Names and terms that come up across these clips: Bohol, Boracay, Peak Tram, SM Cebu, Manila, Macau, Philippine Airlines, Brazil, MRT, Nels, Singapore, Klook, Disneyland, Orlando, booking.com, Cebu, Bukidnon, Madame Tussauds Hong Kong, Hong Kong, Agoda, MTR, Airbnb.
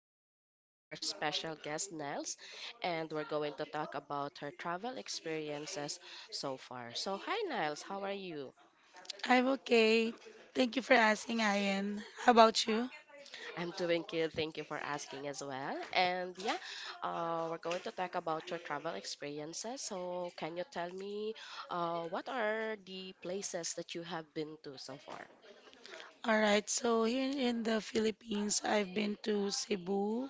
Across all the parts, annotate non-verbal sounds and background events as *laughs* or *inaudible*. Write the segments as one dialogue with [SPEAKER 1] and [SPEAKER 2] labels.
[SPEAKER 1] And we have our special guest, Nels, and we're going to talk about her travel experiences so far. So, hi, Nels, how are you? I'm doing good. Thank you for asking as well. And yeah, we're going to talk about your travel experiences. So, can you tell me what are the places that you have been to so far?
[SPEAKER 2] All right, so here in the Philippines, I've been to Cebu,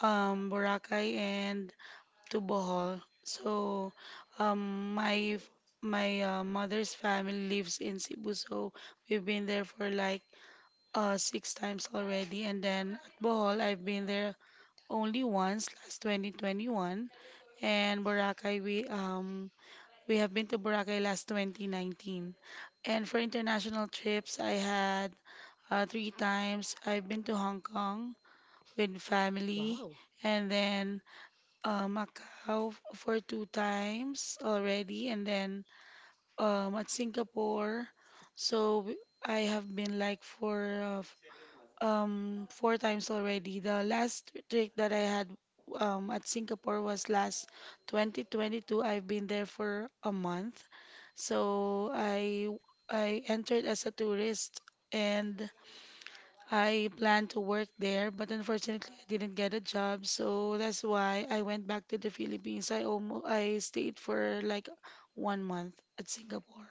[SPEAKER 2] Boracay, and to Bohol. Um, my my mother's family lives in Cebu, so we've been there for like six times already. And then at Bohol, I've been there only once, last 2021. And Boracay, we have been to Boracay last 2019. And for international trips, I had three times. I've been to Hong Kong with family,
[SPEAKER 1] Wow.
[SPEAKER 2] and then Macau for two times already, and then at Singapore. So w- I have been like for four times already. The last trip that I had at Singapore was last 2022. I've been there for a month. So I entered as a tourist, and I planned to work there, but unfortunately I didn't get a job. So that's why I went back to the Philippines. I stayed for like one month at Singapore.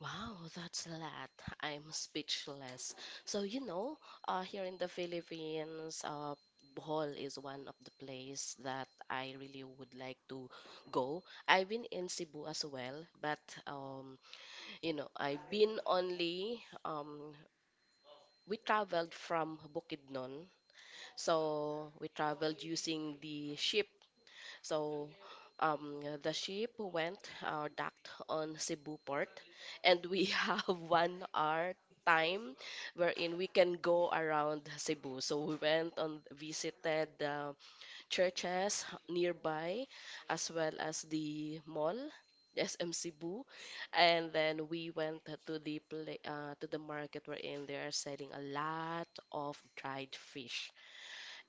[SPEAKER 1] Wow, that's a lot. I'm speechless. So, here in the Philippines, Bohol is one of the place that I really would like to go. I've been in Cebu as well, but um, I've been only we traveled from Bukidnon, so we traveled using the ship. So the ship went docked on Cebu port, and we *laughs* have 1 hour time wherein we can go around Cebu. So we went and visited the churches nearby, as well as the mall, the SM Cebu, and then we went to the pla to the market wherein they are selling a lot of dried fish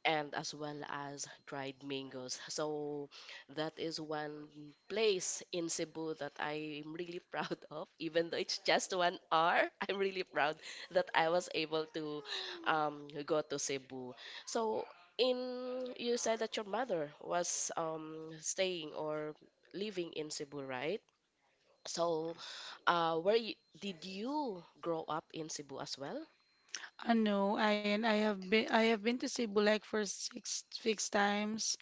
[SPEAKER 1] and as well as dried mangoes. So that is one place in Cebu that I'm really *laughs* proud of. Even though it's just 1 hour, *laughs* I'm really proud that I was able to go to Cebu. So in you said that your mother was staying or living in Cebu, right? So uh, where you, did you grow up in Cebu as well?
[SPEAKER 2] I know I and I have been to Cebu like for six times,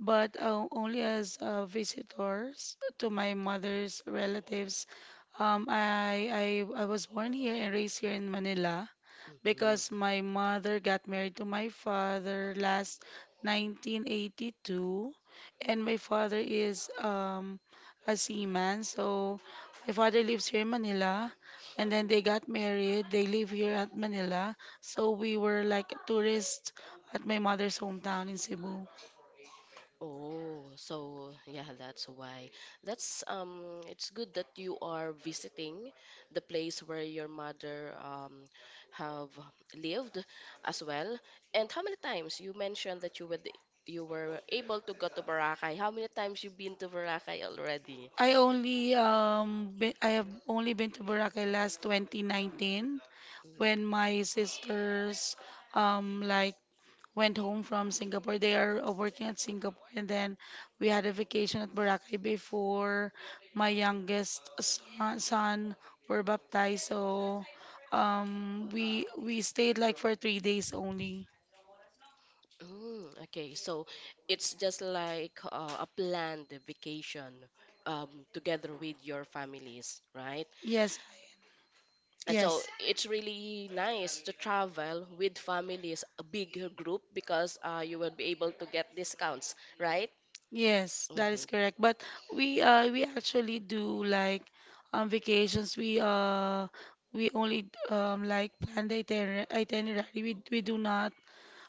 [SPEAKER 2] but only as visitors to my mother's relatives. Um, I, I was born here and raised here in Manila,
[SPEAKER 1] Mm.
[SPEAKER 2] because my mother got married to my father last 1982, and my father is a seaman. So my father lives here in Manila, and then they got married. They live here at Manila, so we were like tourists at my mother's hometown in Cebu.
[SPEAKER 1] Oh, so yeah, that's why. That's it's good that you are visiting the place where your mother have lived as well. And how many times you mentioned that you were able to go to Boracay. How many times you've been to Boracay already?
[SPEAKER 2] I have only been to Boracay last 2019,
[SPEAKER 1] Mm.
[SPEAKER 2] when my sisters um like went home from Singapore. They are working at Singapore, and then we had a vacation at Boracay before my youngest son were baptized. So we stayed like for three days only.
[SPEAKER 1] Mm, okay, so it's just like a planned vacation together with your families, right?
[SPEAKER 2] Yes,
[SPEAKER 1] So
[SPEAKER 2] yes.
[SPEAKER 1] it's really nice to travel with families a bigger group because you will be able to get discounts, right?
[SPEAKER 2] Yes, that is
[SPEAKER 1] Mhm.
[SPEAKER 2] correct. But we actually do like vacations. We only plan the itinerary. We do not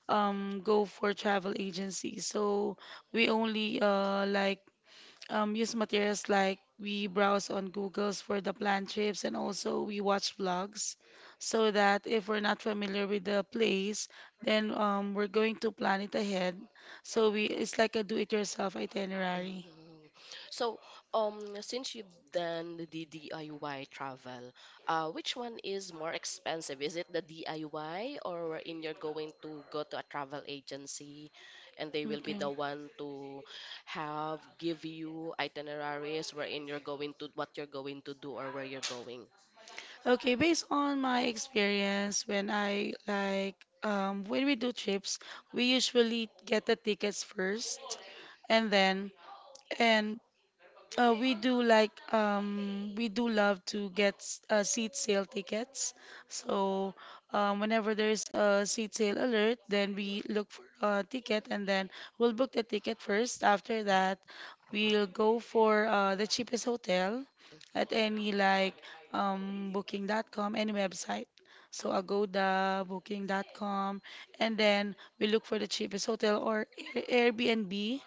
[SPEAKER 2] go for travel agencies. So we only use materials like we browse on Google's for the planned trips, and also we watch vlogs, so that if we're not familiar with the place, then we're going to plan it ahead. So we it's like a do-it-yourself itinerary.
[SPEAKER 1] Mm. So, since you've done the DIY travel, which one is more expensive? Is it the DIY or wherein you're going to go to a travel agency and they will be
[SPEAKER 2] Okay.
[SPEAKER 1] the one to have give you itineraries wherein you're going to what you're going to do or where you're going?
[SPEAKER 2] Okay, based on my experience, when I like when we do trips, we usually get the tickets first, and then and we do like we do love to get seat sale tickets. So whenever there's a seat sale alert, then we look for a ticket, and then we'll book the ticket first. After that, we'll go for the cheapest hotel at any like booking.com, any website. So Agoda, booking.com, and then we look for the cheapest hotel or Airbnb,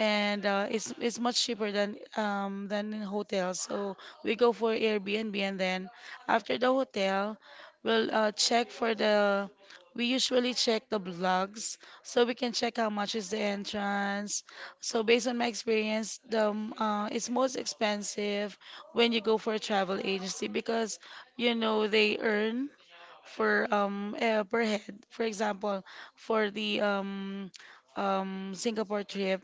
[SPEAKER 2] and it's much cheaper than in hotels. So we go for Airbnb, and then after the hotel, we'll check for the. We usually check the blogs, so we can check how much is the entrance. So based on my experience, the it's most expensive when you go for a travel agency, because you know they earn for per head. For example, for the Singapore trip,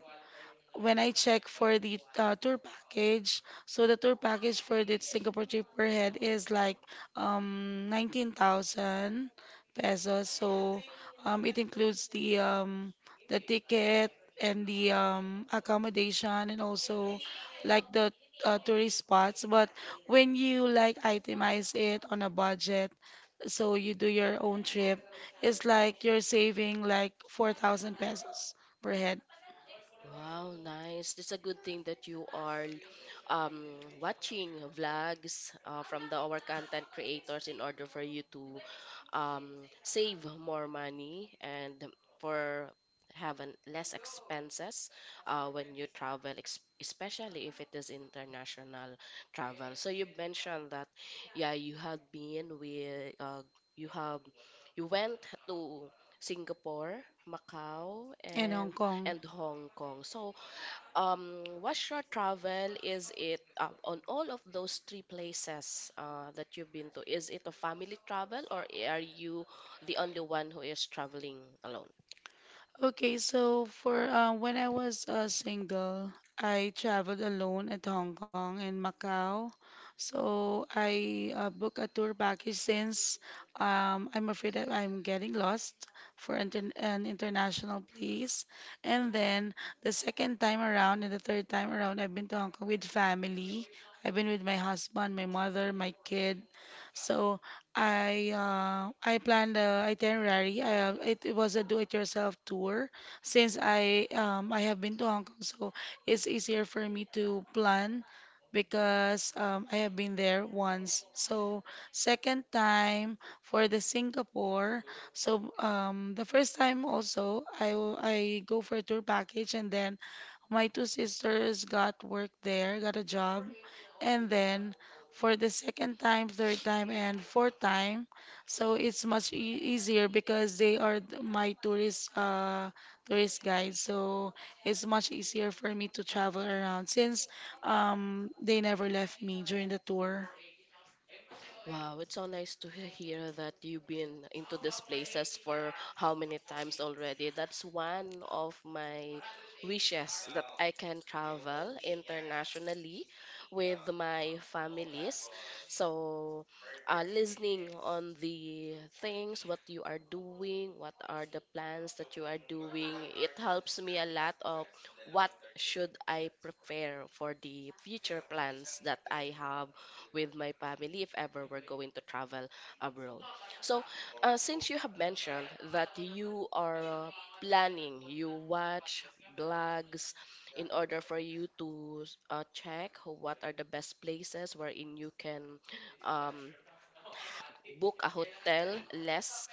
[SPEAKER 2] when I check for the tour package, so the tour package for the Singapore trip per head is like 19,000 pesos. So it includes the ticket and the accommodation, and also like the tourist spots. But when you like itemize it on a budget, so you do your own trip, it's like you're saving like 4,000 pesos per head.
[SPEAKER 1] Wow, nice. That's a good thing that you are um, watching vlogs from the our content creators in order for you to um, save more money and for having less expenses when you travel, especially if it is international travel. So you mentioned that, yeah, you had been with, you have, you went to Singapore, Macau,
[SPEAKER 2] In Hong Kong.
[SPEAKER 1] and Hong Kong. So what short travel is it on all of those three places that you've been to? Is it a family travel or are you the only one who is traveling alone?
[SPEAKER 2] Okay, so for when I was single, I traveled alone at Hong Kong and Macau. So I booked a tour package, since I'm afraid that I'm getting lost for inter an international place. And then the second time around and the third time around, I've been to Hong Kong with family. I've been with my husband, my mother, my kid. So I planned a itinerary. It was a do-it-yourself tour, since I have been to Hong Kong, so it's easier for me to plan, because I have been there once. So second time for the Singapore. So the first time also I go for a tour package, and then my two sisters got work there, got a job, and then for the second time, third time, and fourth time. So it's much easier, because they are my tourist tourist guides. So it's much easier for me to travel around, since they never left me during the tour.
[SPEAKER 1] Wow, it's so nice to hear that you've been into these places for how many times already. That's one of my wishes that I can travel internationally with my families. So, listening on the things, what you are doing, what are the plans that you are doing, it helps me a lot of what should I prepare for the future plans that I have with my family if ever we're going to travel abroad. So, since you have mentioned that you are planning, you watch blogs in order for you to check what are the best places wherein you can um, book a hotel less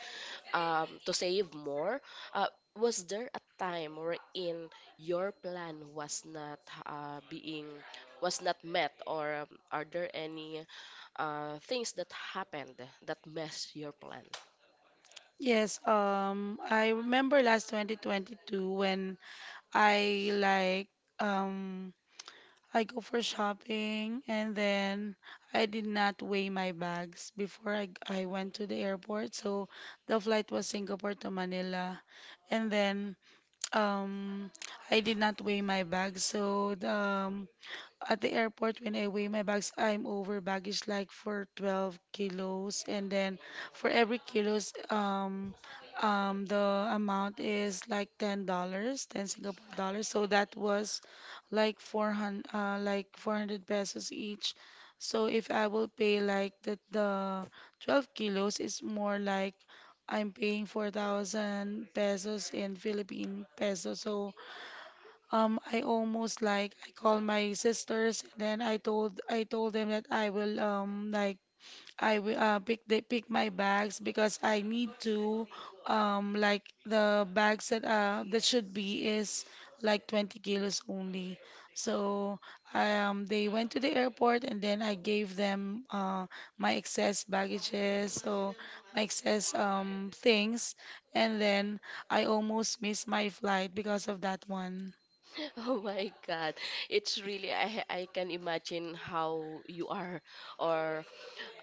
[SPEAKER 1] to save more. Uh, was there a time wherein your plan was not being was not met or are there any things that happened that mess your plan.
[SPEAKER 2] Yes, I remember last 2022, when I like um I go for shopping, and then I did not weigh my bags before I went to the airport. So the flight was Singapore to Manila. And then um, I did not weigh my bags. So, at the airport, when I weigh my bags, I'm over baggage like for 12 kilos, and then for every kilos, the amount is like $10, ten Singapore dollars. So that was like 400 pesos each. So if I will pay like the 12 kilos, it's more like I'm paying 4,000 pesos in Philippine pesos. So I almost like I called my sisters, then I told them that I will pick the pick my bags, because I need to the bags that should be is like 20 kilos only. So they went to the airport, and then I gave them my excess baggages, so my excess things, and then I almost missed my flight because of that one.
[SPEAKER 1] *laughs* Oh my God, it's really I can imagine how you are or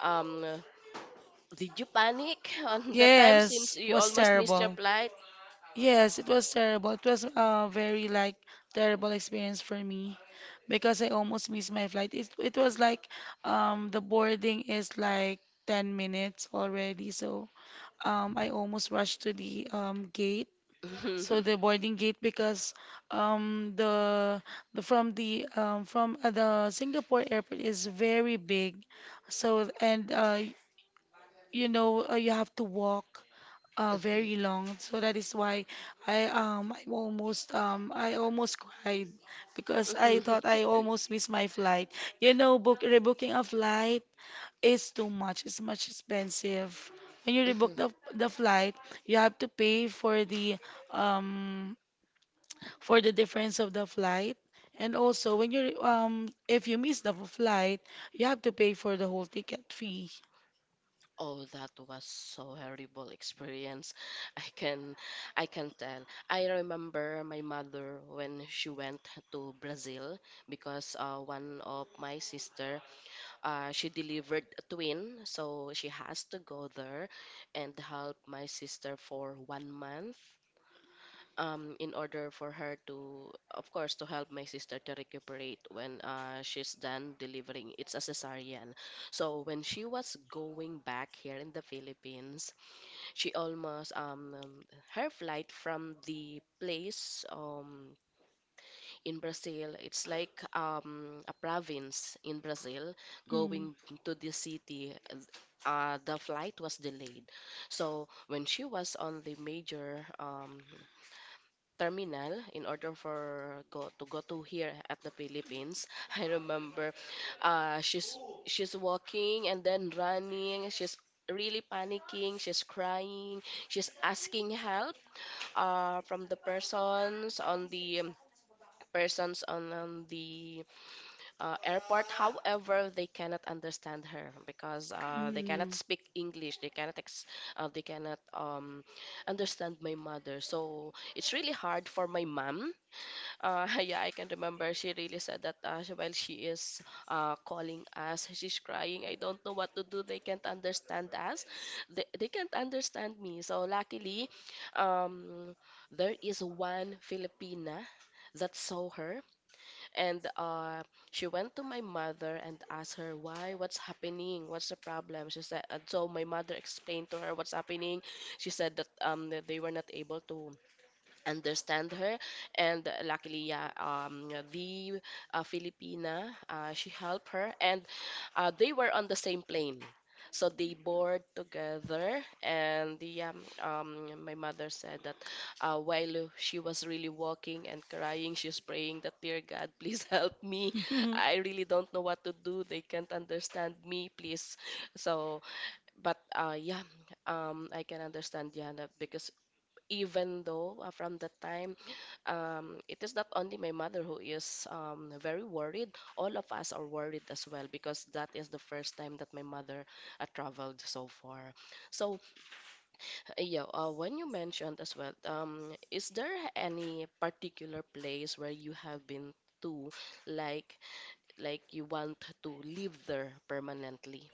[SPEAKER 1] um did you panic *laughs* on that time
[SPEAKER 2] Yes,
[SPEAKER 1] since
[SPEAKER 2] it
[SPEAKER 1] you
[SPEAKER 2] was
[SPEAKER 1] almost missed your
[SPEAKER 2] terrible.
[SPEAKER 1] flight?
[SPEAKER 2] Yes, it was terrible. It was a very like terrible experience for me, because I almost missed my flight. It was like the boarding is like 10 minutes already, so I almost rushed to the gate. So
[SPEAKER 1] *laughs*
[SPEAKER 2] the boarding gate, because um the the from the from the Singapore airport is very big. So and You know, you have to walk very long. So that is why I almost cried, because I
[SPEAKER 1] Mhm.
[SPEAKER 2] thought I almost missed my flight. You know, book rebooking a flight is too much. It's much expensive. When you rebook
[SPEAKER 1] Mhm.
[SPEAKER 2] the flight, you have to pay um for the difference of the flight. And also, when you if you miss the flight, you have to pay for the whole ticket fee.
[SPEAKER 1] Oh, that was so horrible experience. I can I can tell. I remember my mother when she went to Brazil because one of my sister she delivered a twin, so she has to go there and help my sister for 1 month. In order for her to, of course, to help my sister to recuperate when she's done delivering, it's a cesarean. So when she was going back here in the Philippines, she almost her flight from the place in Brazil. It's like a province in Brazil
[SPEAKER 2] Mm.
[SPEAKER 1] going to the city. The flight was delayed. So when she was on the major terminal in order for go to here at the Philippines, *laughs* I remember uh, she's she's walking and then running. She's really panicking. She's crying. She's asking help from the persons on on the airport. However, they cannot understand her because they
[SPEAKER 2] Mm.
[SPEAKER 1] cannot speak English. They cannot understand my mother. So it's really hard for my mom. *laughs* Yeah, I can remember she really said that while she is calling us, she's crying. I don't know what to do. They can't understand us. They can't understand me. So luckily, um, there is one Filipina that saw her and she went to my mother and asked her, "Why? What's happening? What's the problem?" She said, and so my mother explained to her what's happening. She said that they were not able to understand her and luckily yeah the Filipina she helped her and they were on the same plane so they board together and the my mother said that while she was really walking and crying she's praying that, "Dear God, please *laughs* help me.
[SPEAKER 2] Mhm. *laughs*
[SPEAKER 1] I really don't know what to do. They can't understand me, please." So but yeah I can understand Diana because even though from the time it is not only my mother who is very worried. All of us are worried as well because that is the first time that my mother traveled so far. So, yeah, when you mentioned as well, is there any particular place where you have been to, like like you want to live there permanently?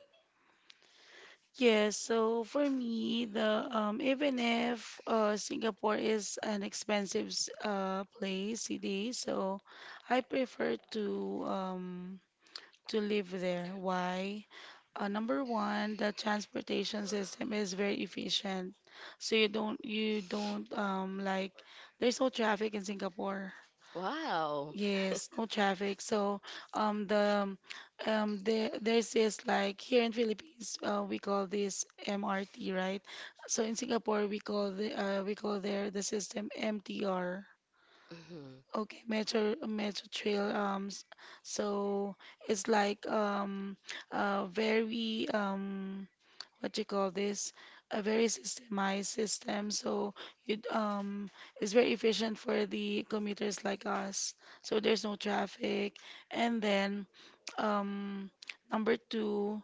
[SPEAKER 2] Yes, so for me, the even if Singapore is an expensive city, so I prefer um, to live there. Why? Number one, the transportation system is very efficient, so you don't there's no traffic in Singapore.
[SPEAKER 1] Wow. *laughs*
[SPEAKER 2] Yes, no traffic. So um the there's this like here in Philippines we call this MRT, right? So in Singapore we call the we call there the system MTR. Okay, Metro Metro Trail. So it's like a very what do you call this? A very systemized system. So it um it's very efficient for the commuters like us. So there's no traffic. And then um number two,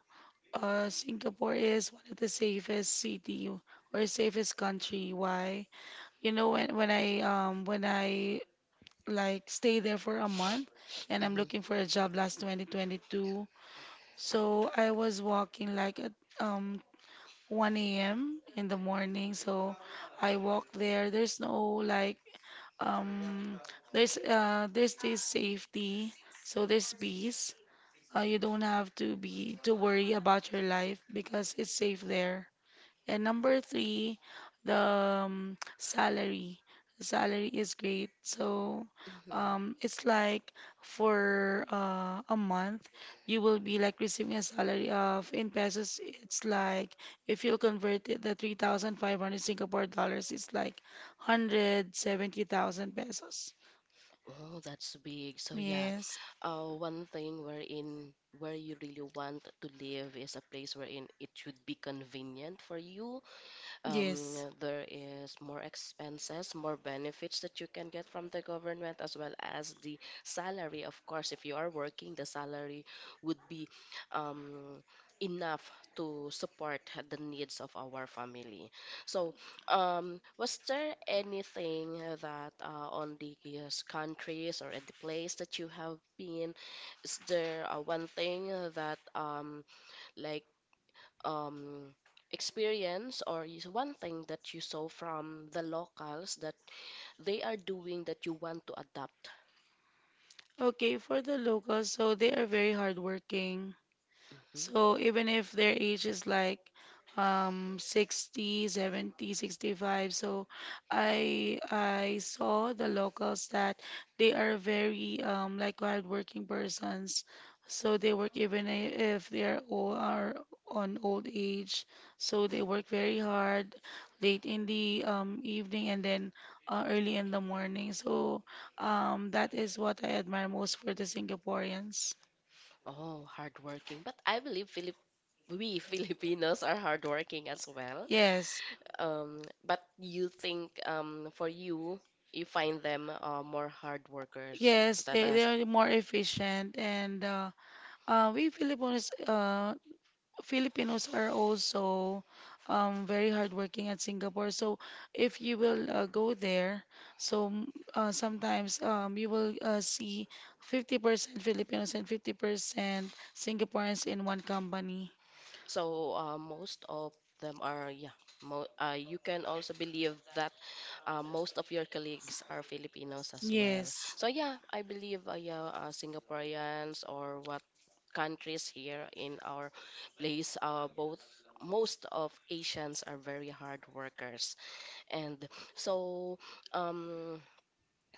[SPEAKER 2] Singapore is one of the safest city or safest country. Why? You know, when I like stay there for a month, and I'm
[SPEAKER 1] Mhm,
[SPEAKER 2] looking for a job last 2022. So I was walking like at um 1 a.m. in the morning. So I walked there. There's no like um there's this safety. So there's peace. You don't have to be to worry about your life, because it's safe there. And number three, the salary. Salary is great. So
[SPEAKER 1] mhm, mhm.
[SPEAKER 2] it's like for a month, you will be like receiving a salary of in pesos. It's like if you'll convert it, the 3,500 Singapore dollars is like 170,000 pesos.
[SPEAKER 1] Oh, that's big. So yeah,
[SPEAKER 2] Yes,
[SPEAKER 1] one thing wherein where you really want to live is a place wherein it should be convenient for you,
[SPEAKER 2] yes.
[SPEAKER 1] there is more expenses, more benefits that you can get from the government, as well as the salary. Of course, if you are working, the salary would be um, enough to support the needs of our family. So, was there anything that on the yes, countries or at the place that you have been? Is there one thing that like um, experience or is one thing that you saw from the locals that they are doing that you want to adapt.
[SPEAKER 2] Okay, for the locals, so they are very hardworking.
[SPEAKER 1] Mhm.
[SPEAKER 2] So even if their age is like 60, 70, 65, so I saw the locals that they are very hardworking persons. So they work even if they are old, are on old age. So they work very hard late in the evening, and then early in the morning. So that is what I admire most for the Singaporeans.
[SPEAKER 1] Oh, hardworking. But I believe Philip we *laughs* Filipinos are hardworking as well.
[SPEAKER 2] Yes.
[SPEAKER 1] But you think for you, you find them more hard workers
[SPEAKER 2] Yes,
[SPEAKER 1] than
[SPEAKER 2] they
[SPEAKER 1] us.
[SPEAKER 2] are more efficient, and we Filipinos Filipinos are also very hardworking at Singapore. So if you will go there, so sometimes you will see 50% Filipinos and 50% Singaporeans in one company.
[SPEAKER 1] So most of them are, yeah. Mo You can also believe that. Most of your colleagues are Filipinos as well.
[SPEAKER 2] Yes.
[SPEAKER 1] So yeah, I believe Singaporeans or what countries here in our place, both most of Asians are very hard workers. And so um,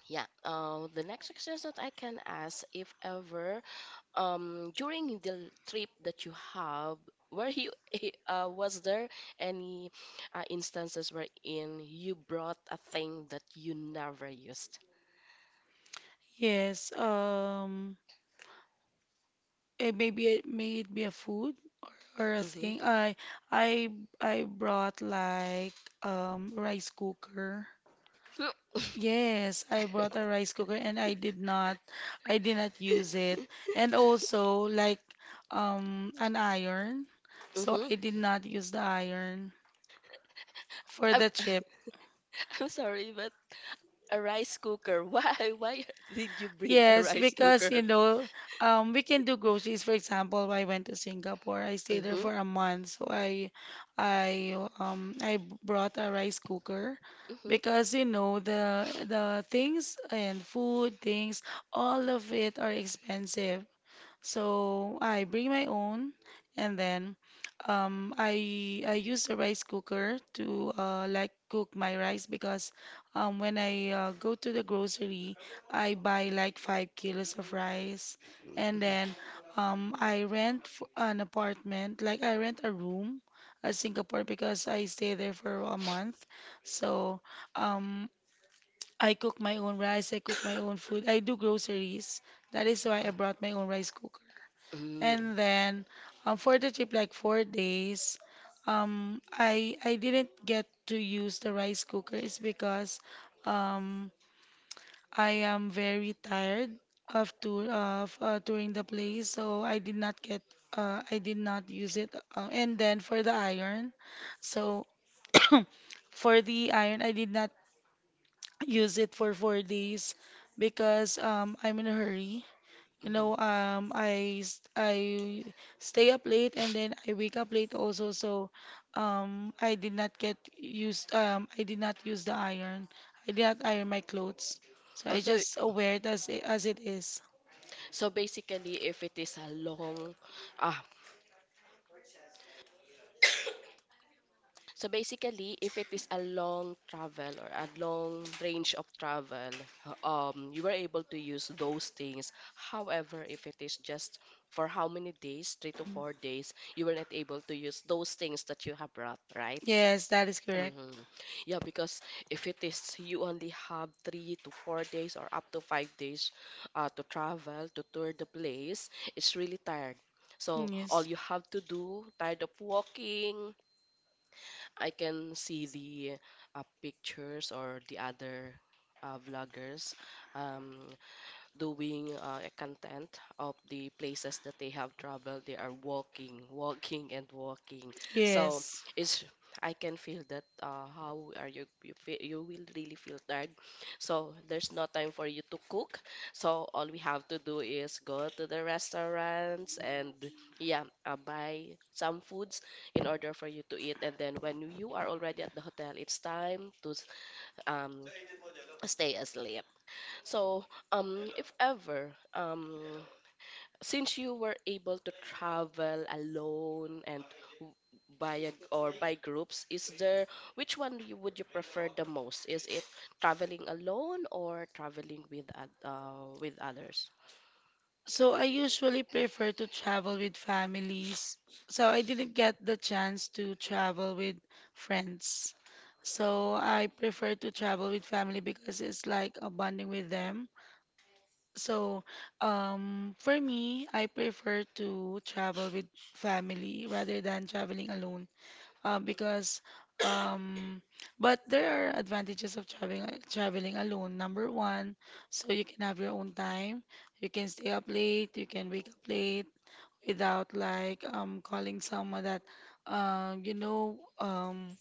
[SPEAKER 1] yeah, the next question that I can ask if ever during the trip that you have were you *laughs* was there any instances wherein you brought a thing that you never used.
[SPEAKER 2] Yes, it may be a- may it be a food or a
[SPEAKER 1] Mm-hmm.
[SPEAKER 2] thing. I I brought like rice cooker. Yes, I brought a rice cooker and I did not use it. And
[SPEAKER 1] *laughs*
[SPEAKER 2] also like an iron. So
[SPEAKER 1] Mm-hmm.
[SPEAKER 2] I did not use the iron for
[SPEAKER 1] I'm,
[SPEAKER 2] the chip.
[SPEAKER 1] *laughs* I'm sorry but a rice cooker, *laughs* why did you bring a
[SPEAKER 2] Yes,
[SPEAKER 1] rice
[SPEAKER 2] because
[SPEAKER 1] cooker?
[SPEAKER 2] we can do groceries. For example, I went to Singapore. I stayed there
[SPEAKER 1] Mm-hmm.
[SPEAKER 2] for a month, so brought a rice cooker because you
[SPEAKER 1] Mm-hmm.
[SPEAKER 2] know the things and food things, all of it are expensive. So I bring my own, and then I use the rice cooker to like cook my rice because when I go to the grocery, I buy like five kilos of rice, and then
[SPEAKER 1] Mm-hmm.
[SPEAKER 2] I rent f an apartment, like I rent a room at Singapore because I stay there for a month. So um, I cook my own rice, I cook my own food, I do groceries. That is why I brought my own rice cooker. And then for the trip, like four days, I didn't get to use the rice cooker is because um, I am very tired of tour of touring the place, so I did not use it. And then for the iron, so *coughs* for the iron, I did not use it for four days because I'm in a hurry. You
[SPEAKER 1] Mm-hmm.
[SPEAKER 2] know, I stay up late and then I wake up late also. So, I did not get used. I did not use the iron. I did not iron my clothes. So I
[SPEAKER 1] Also,
[SPEAKER 2] just wear it as it is.
[SPEAKER 1] so basically, if it is a long, ah, travel or a long range of travel, you were able to use those things. However, if it is just for how many days, 3 to 4 days, you were not able to use those things that you have brought, right?
[SPEAKER 2] Yes, that is correct.
[SPEAKER 1] Hmm. Yeah, because if it is you only have 3 to 4 days or up to 5 days to travel to tour the place, it's really tired. So all
[SPEAKER 2] Yes.
[SPEAKER 1] you have to do, tired of walking, I can see the pictures or the other vloggers. Um, doing a content of the places that they have traveled. They are walking, walking, and walking. So
[SPEAKER 2] Yes.
[SPEAKER 1] it's I can feel that how are you you feel, you will really feel tired. So there's no time for you to cook. So all we have to do is go to the restaurants and yeah, buy some foods in order for you to eat. And then when you are already at the hotel, it's time to um stay asleep. So, if ever, since you were able to travel alone and w- by a, or by groups, is there which one would you prefer the most? Is it traveling alone or traveling with with others?
[SPEAKER 2] So I usually prefer to travel with families. So I didn't get the chance to travel with friends. So I prefer to travel with family because it's like a bonding with them. So for me, I prefer to travel with family rather than traveling alone, because um but there are advantages of traveling alone. Number one, so you can have your own time. You can stay up late, you can wake up late without like calling someone that um you know um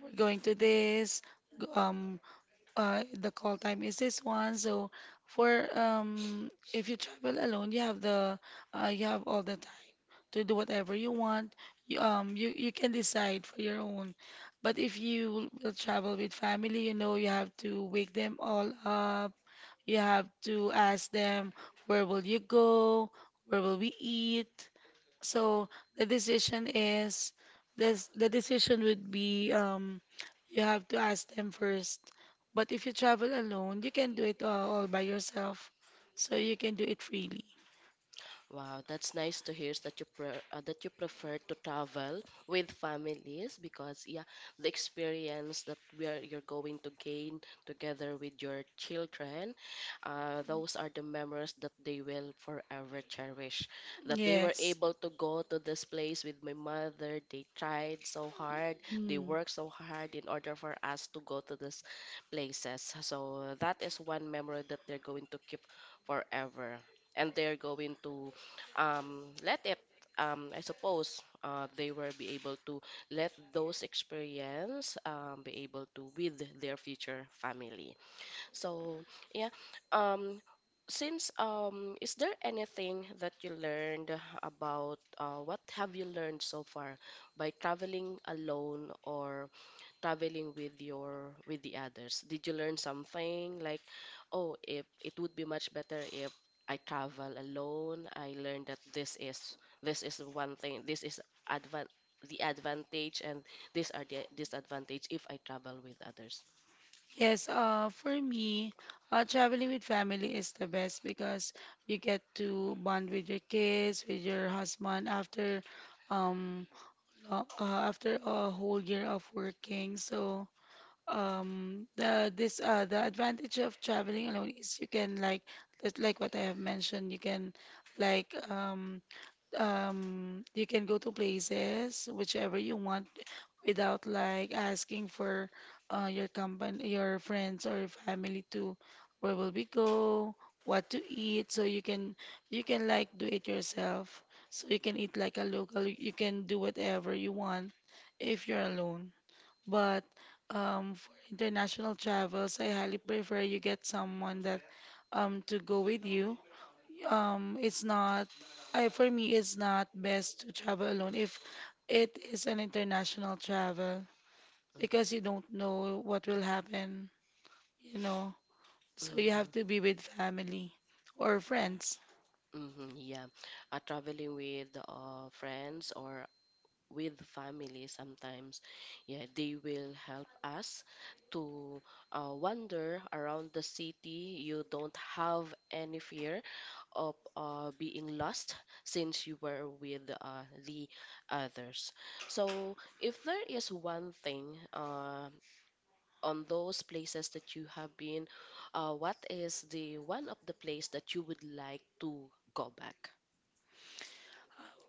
[SPEAKER 2] we're going to this g- um the call time is this one. So for if you travel alone, you have the you have all the to do whatever you want. You can decide for your own. But if you will travel with family, you know, you have to wake them all up. You have to ask them, where will you go? Where will we eat? So the decision is, the decision would be, you have to ask them first. But if you travel alone, you can do it all by yourself. So you can do it freely.
[SPEAKER 1] Wow, that's nice to hear that you that you prefer to travel with families because yeah, the experience that we are you're going to gain together with your children, those are the memories that they will forever cherish. That they were
[SPEAKER 2] Yes.
[SPEAKER 1] able to go to this place with my mother. They tried so hard. They
[SPEAKER 2] Mm.
[SPEAKER 1] worked so hard in order for us to go to these places. So that is one memory that they're going to keep forever, and they're going to let it, I suppose they will be able to let those experience be able to with their future family. So yeah, um, since is there anything that you learned about what have you learned so far by traveling alone or traveling with your with the others? Did you learn something like, oh, if it would be much better if I travel alone. I learned that this is one thing. This is advan the advantage, and these are the disadvantage if I travel with others.
[SPEAKER 2] Yes, for me, traveling with family is the best because you get to bond with your kids, with your husband after um after a whole year of working. So the advantage of traveling alone is you can like, just like what I have mentioned, you can like, you can go to places whichever you want without like asking for your company, your friends or your family to where will we go, what to eat, so you can, you can like do it yourself, so you can eat like a local, you can do whatever you want if you're alone. But for international travels, I highly prefer you get someone that to go with you. It's not, I, for me, it's not best to travel alone if it is an international travel
[SPEAKER 1] Mhm.
[SPEAKER 2] because you don't know what will happen, you know. So you have
[SPEAKER 1] Mhm.
[SPEAKER 2] to be with family or friends.
[SPEAKER 1] Mm-hmm, yeah. Traveling with friends or with family sometimes, yeah, they will help us to wander around the city. You don't have any fear of being lost since you were with the others. So if there is one thing, on those places that you have been, what is the one of the place that you would like to go back?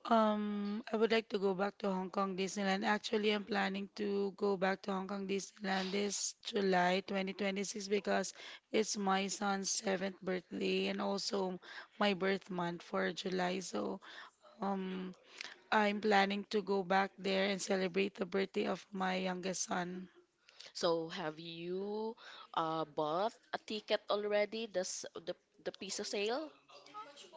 [SPEAKER 2] I would like to go back to Hong Kong Disneyland. Actually, I'm planning to go back to Hong Kong Disneyland this July 2026 because it's my son's seventh birthday and also my birth month for July. So, um, I'm planning to go back there and celebrate the birthday of my youngest son.
[SPEAKER 1] So have you bought a ticket already? This the piece of sale?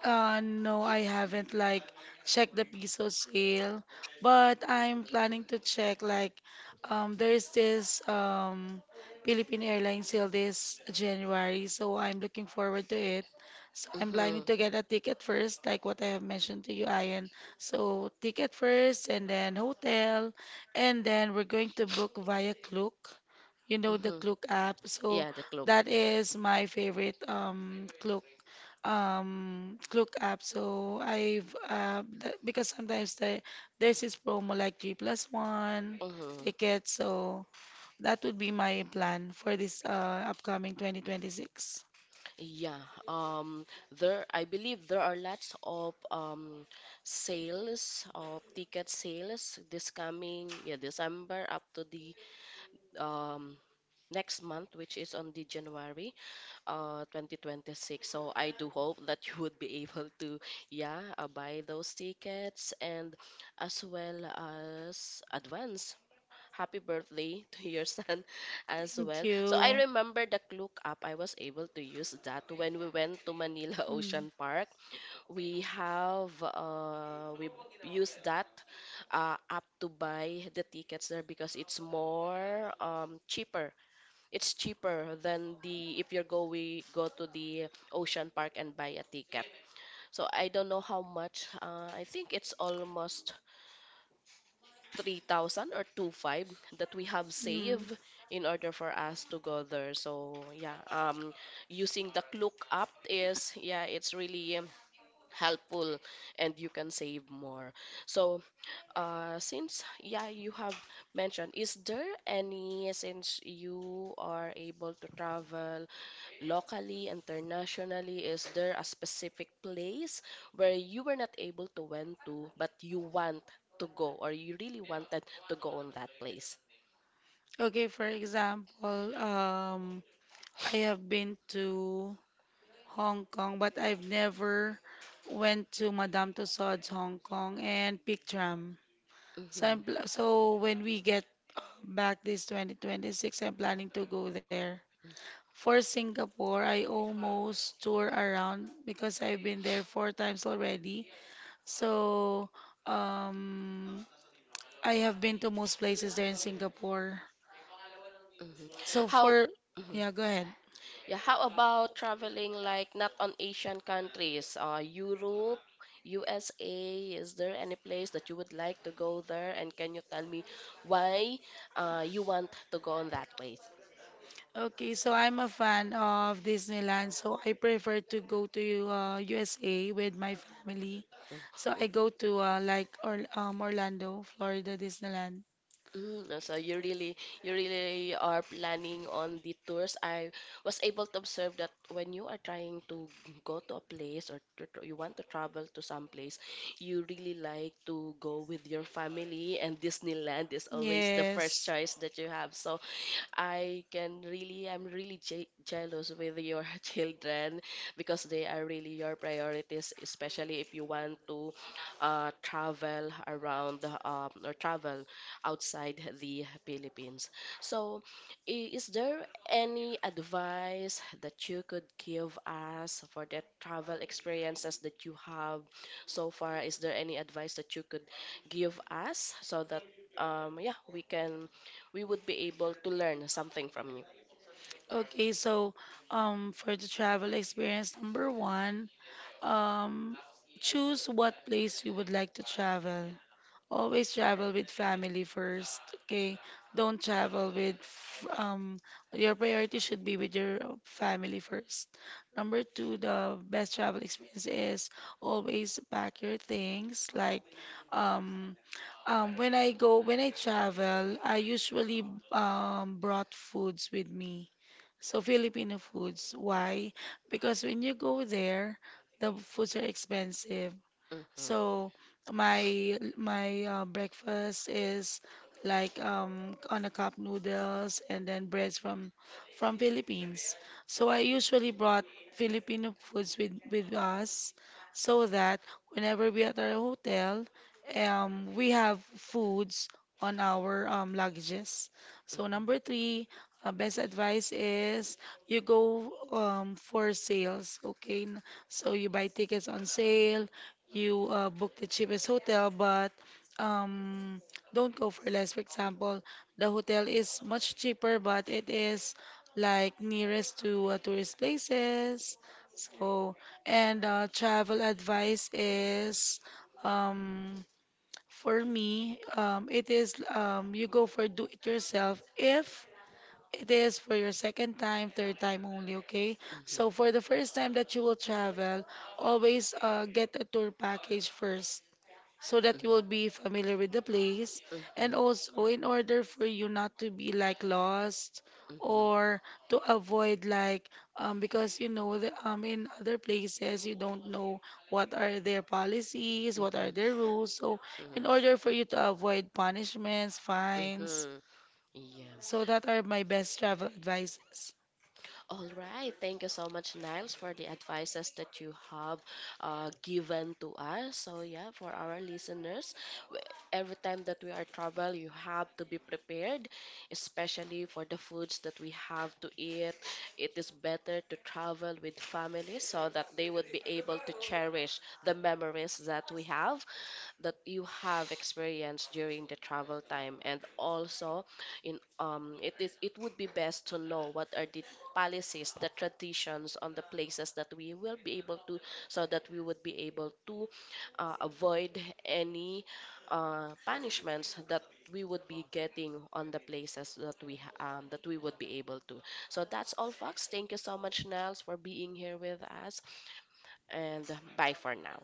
[SPEAKER 2] No, I haven't like checked the piso sale, but I'm planning to check like, there's this Philippine Airlines sale this January, so I'm looking forward to it. So I'm planning
[SPEAKER 1] Mm-hmm.
[SPEAKER 2] to get a ticket first, like what I have mentioned to you, Ian. So ticket first and then hotel, and then we're going to book via Klook. You know the
[SPEAKER 1] Mm-hmm.
[SPEAKER 2] Klook app. So
[SPEAKER 1] Yeah, the club.
[SPEAKER 2] that is my favorite Klook, Klook app. So I've because sometimes there's this promo like G plus one
[SPEAKER 1] Mm-hmm.
[SPEAKER 2] ticket. So that would be my plan for this upcoming 2026.
[SPEAKER 1] Yeah, there, I believe there are lots of sales of ticket sales this coming, yeah, December up to the um next month, which is on the January. 2026. So I do hope that *laughs* you would be able to, yeah, buy those tickets and as well as advance happy birthday *laughs* to your son *laughs* as
[SPEAKER 2] Thank
[SPEAKER 1] well. So I
[SPEAKER 2] you.
[SPEAKER 1] remember the look up. I was able to use that when we went to Manila *laughs*
[SPEAKER 2] Mm.
[SPEAKER 1] Ocean Park. We used that app to buy the tickets there because it's more cheaper. It's cheaper than the if you're go to the ocean park and buy a ticket. So I don't know how much. I think it's almost 3,000 or two five that we have
[SPEAKER 2] Mm.
[SPEAKER 1] saved in order for us to go there. So yeah, using the Klook app is, yeah, it's really helpful, and you can save more. So since, yeah, you have mentioned, is there any since you are able to travel locally, internationally? Is there a specific place where you were not able to went to, but you want to go, or you really wanted to go on that place?
[SPEAKER 2] Okay, for example, I have been to Hong Kong, but I've never went to Madame Tussauds Hong Kong and Peak Tram.
[SPEAKER 1] Hmm.
[SPEAKER 2] So when we get back this 2026, I'm planning to go there. For Singapore, I almost tour around because I've been there four times already. So um, I have been to most places there in Singapore.
[SPEAKER 1] Hmm.
[SPEAKER 2] So
[SPEAKER 1] How?
[SPEAKER 2] for,
[SPEAKER 1] Mhm.
[SPEAKER 2] yeah, go ahead.
[SPEAKER 1] Yeah, how about traveling like not on Asian countries, Europe, USA? Is there any place that you would like to go there? And can you tell me why you want to go on that place?
[SPEAKER 2] Okay, so I'm a fan of Disneyland, so I prefer to go to USA with my family. So
[SPEAKER 1] Uh,
[SPEAKER 2] I go to Orlando, Florida, Disneyland.
[SPEAKER 1] So you really, you really are planning on the tours. I was able to observe that when you are trying to go to a place or to, you want to travel to some place, you really like to go with your family, and Disneyland is always the first
[SPEAKER 2] Yes.
[SPEAKER 1] choice that you have. So I can really, I'm really jealous with your *laughs* children because they are really your priorities, especially if you want to travel around, or travel outside the Philippines. So, is there any advice that you could give us for the travel experiences that you have so far? Is there any advice that you could give us so that, yeah, we would be able to learn something from you.
[SPEAKER 2] Okay, so for the travel experience, number one, um, choose what place you would like to travel. Always travel with family first, okay? Don't travel with, your priority should be with your family first. Number two, the best travel experience is always pack your things. Like, um, when I go, when I travel, I usually brought foods with me. So Filipino foods. Why? Because when you go there, the foods are expensive.
[SPEAKER 1] Mm-hmm.
[SPEAKER 2] So my breakfast is like, on a cup noodles and then breads from Philippines. So I usually brought Filipino foods with us so that whenever we at our hotel, we have foods on our luggages. So number three, best advice is you go for sales, okay? So you buy tickets on sale, you book the cheapest hotel, but um, don't go for less. For example, the hotel is much cheaper, but it is like nearest to tourist places. So, and travel advice is, um, for me, it is, you go for do it yourself if it is for your second time, third time only, okay? So
[SPEAKER 1] Mm-hmm.
[SPEAKER 2] for the first time that you will travel, always get a tour package first so that you will
[SPEAKER 1] Mm-hmm.
[SPEAKER 2] be familiar with the place. And
[SPEAKER 1] Mm-hmm.
[SPEAKER 2] also, in order for you not to be like lost
[SPEAKER 1] Mm-hmm.
[SPEAKER 2] or to avoid like, because you know the, in other places you don't know what are their policies, what are their rules. So in
[SPEAKER 1] Mm-hmm.
[SPEAKER 2] order for you to avoid punishments, fines,
[SPEAKER 1] Mm-hmm. Yeah.
[SPEAKER 2] so that are my best travel advices.
[SPEAKER 1] All right. Thank you so much, Niles, for the advices that you have given to us. So, yeah, for our listeners, w- every time that we are travel, you have to be prepared, especially for the foods that we have to eat. It is better to travel with family so that they would be able to cherish the memories that we have that you have experienced during the travel time. And also, in it is, it would be best to know what are the policies, the traditions on the places that we will be able to, so that we would be able to avoid any punishments that we would be getting on the places that we that we would be able to. So that's all, folks. Thank you so much, Nels, for being here with us, and bye for now.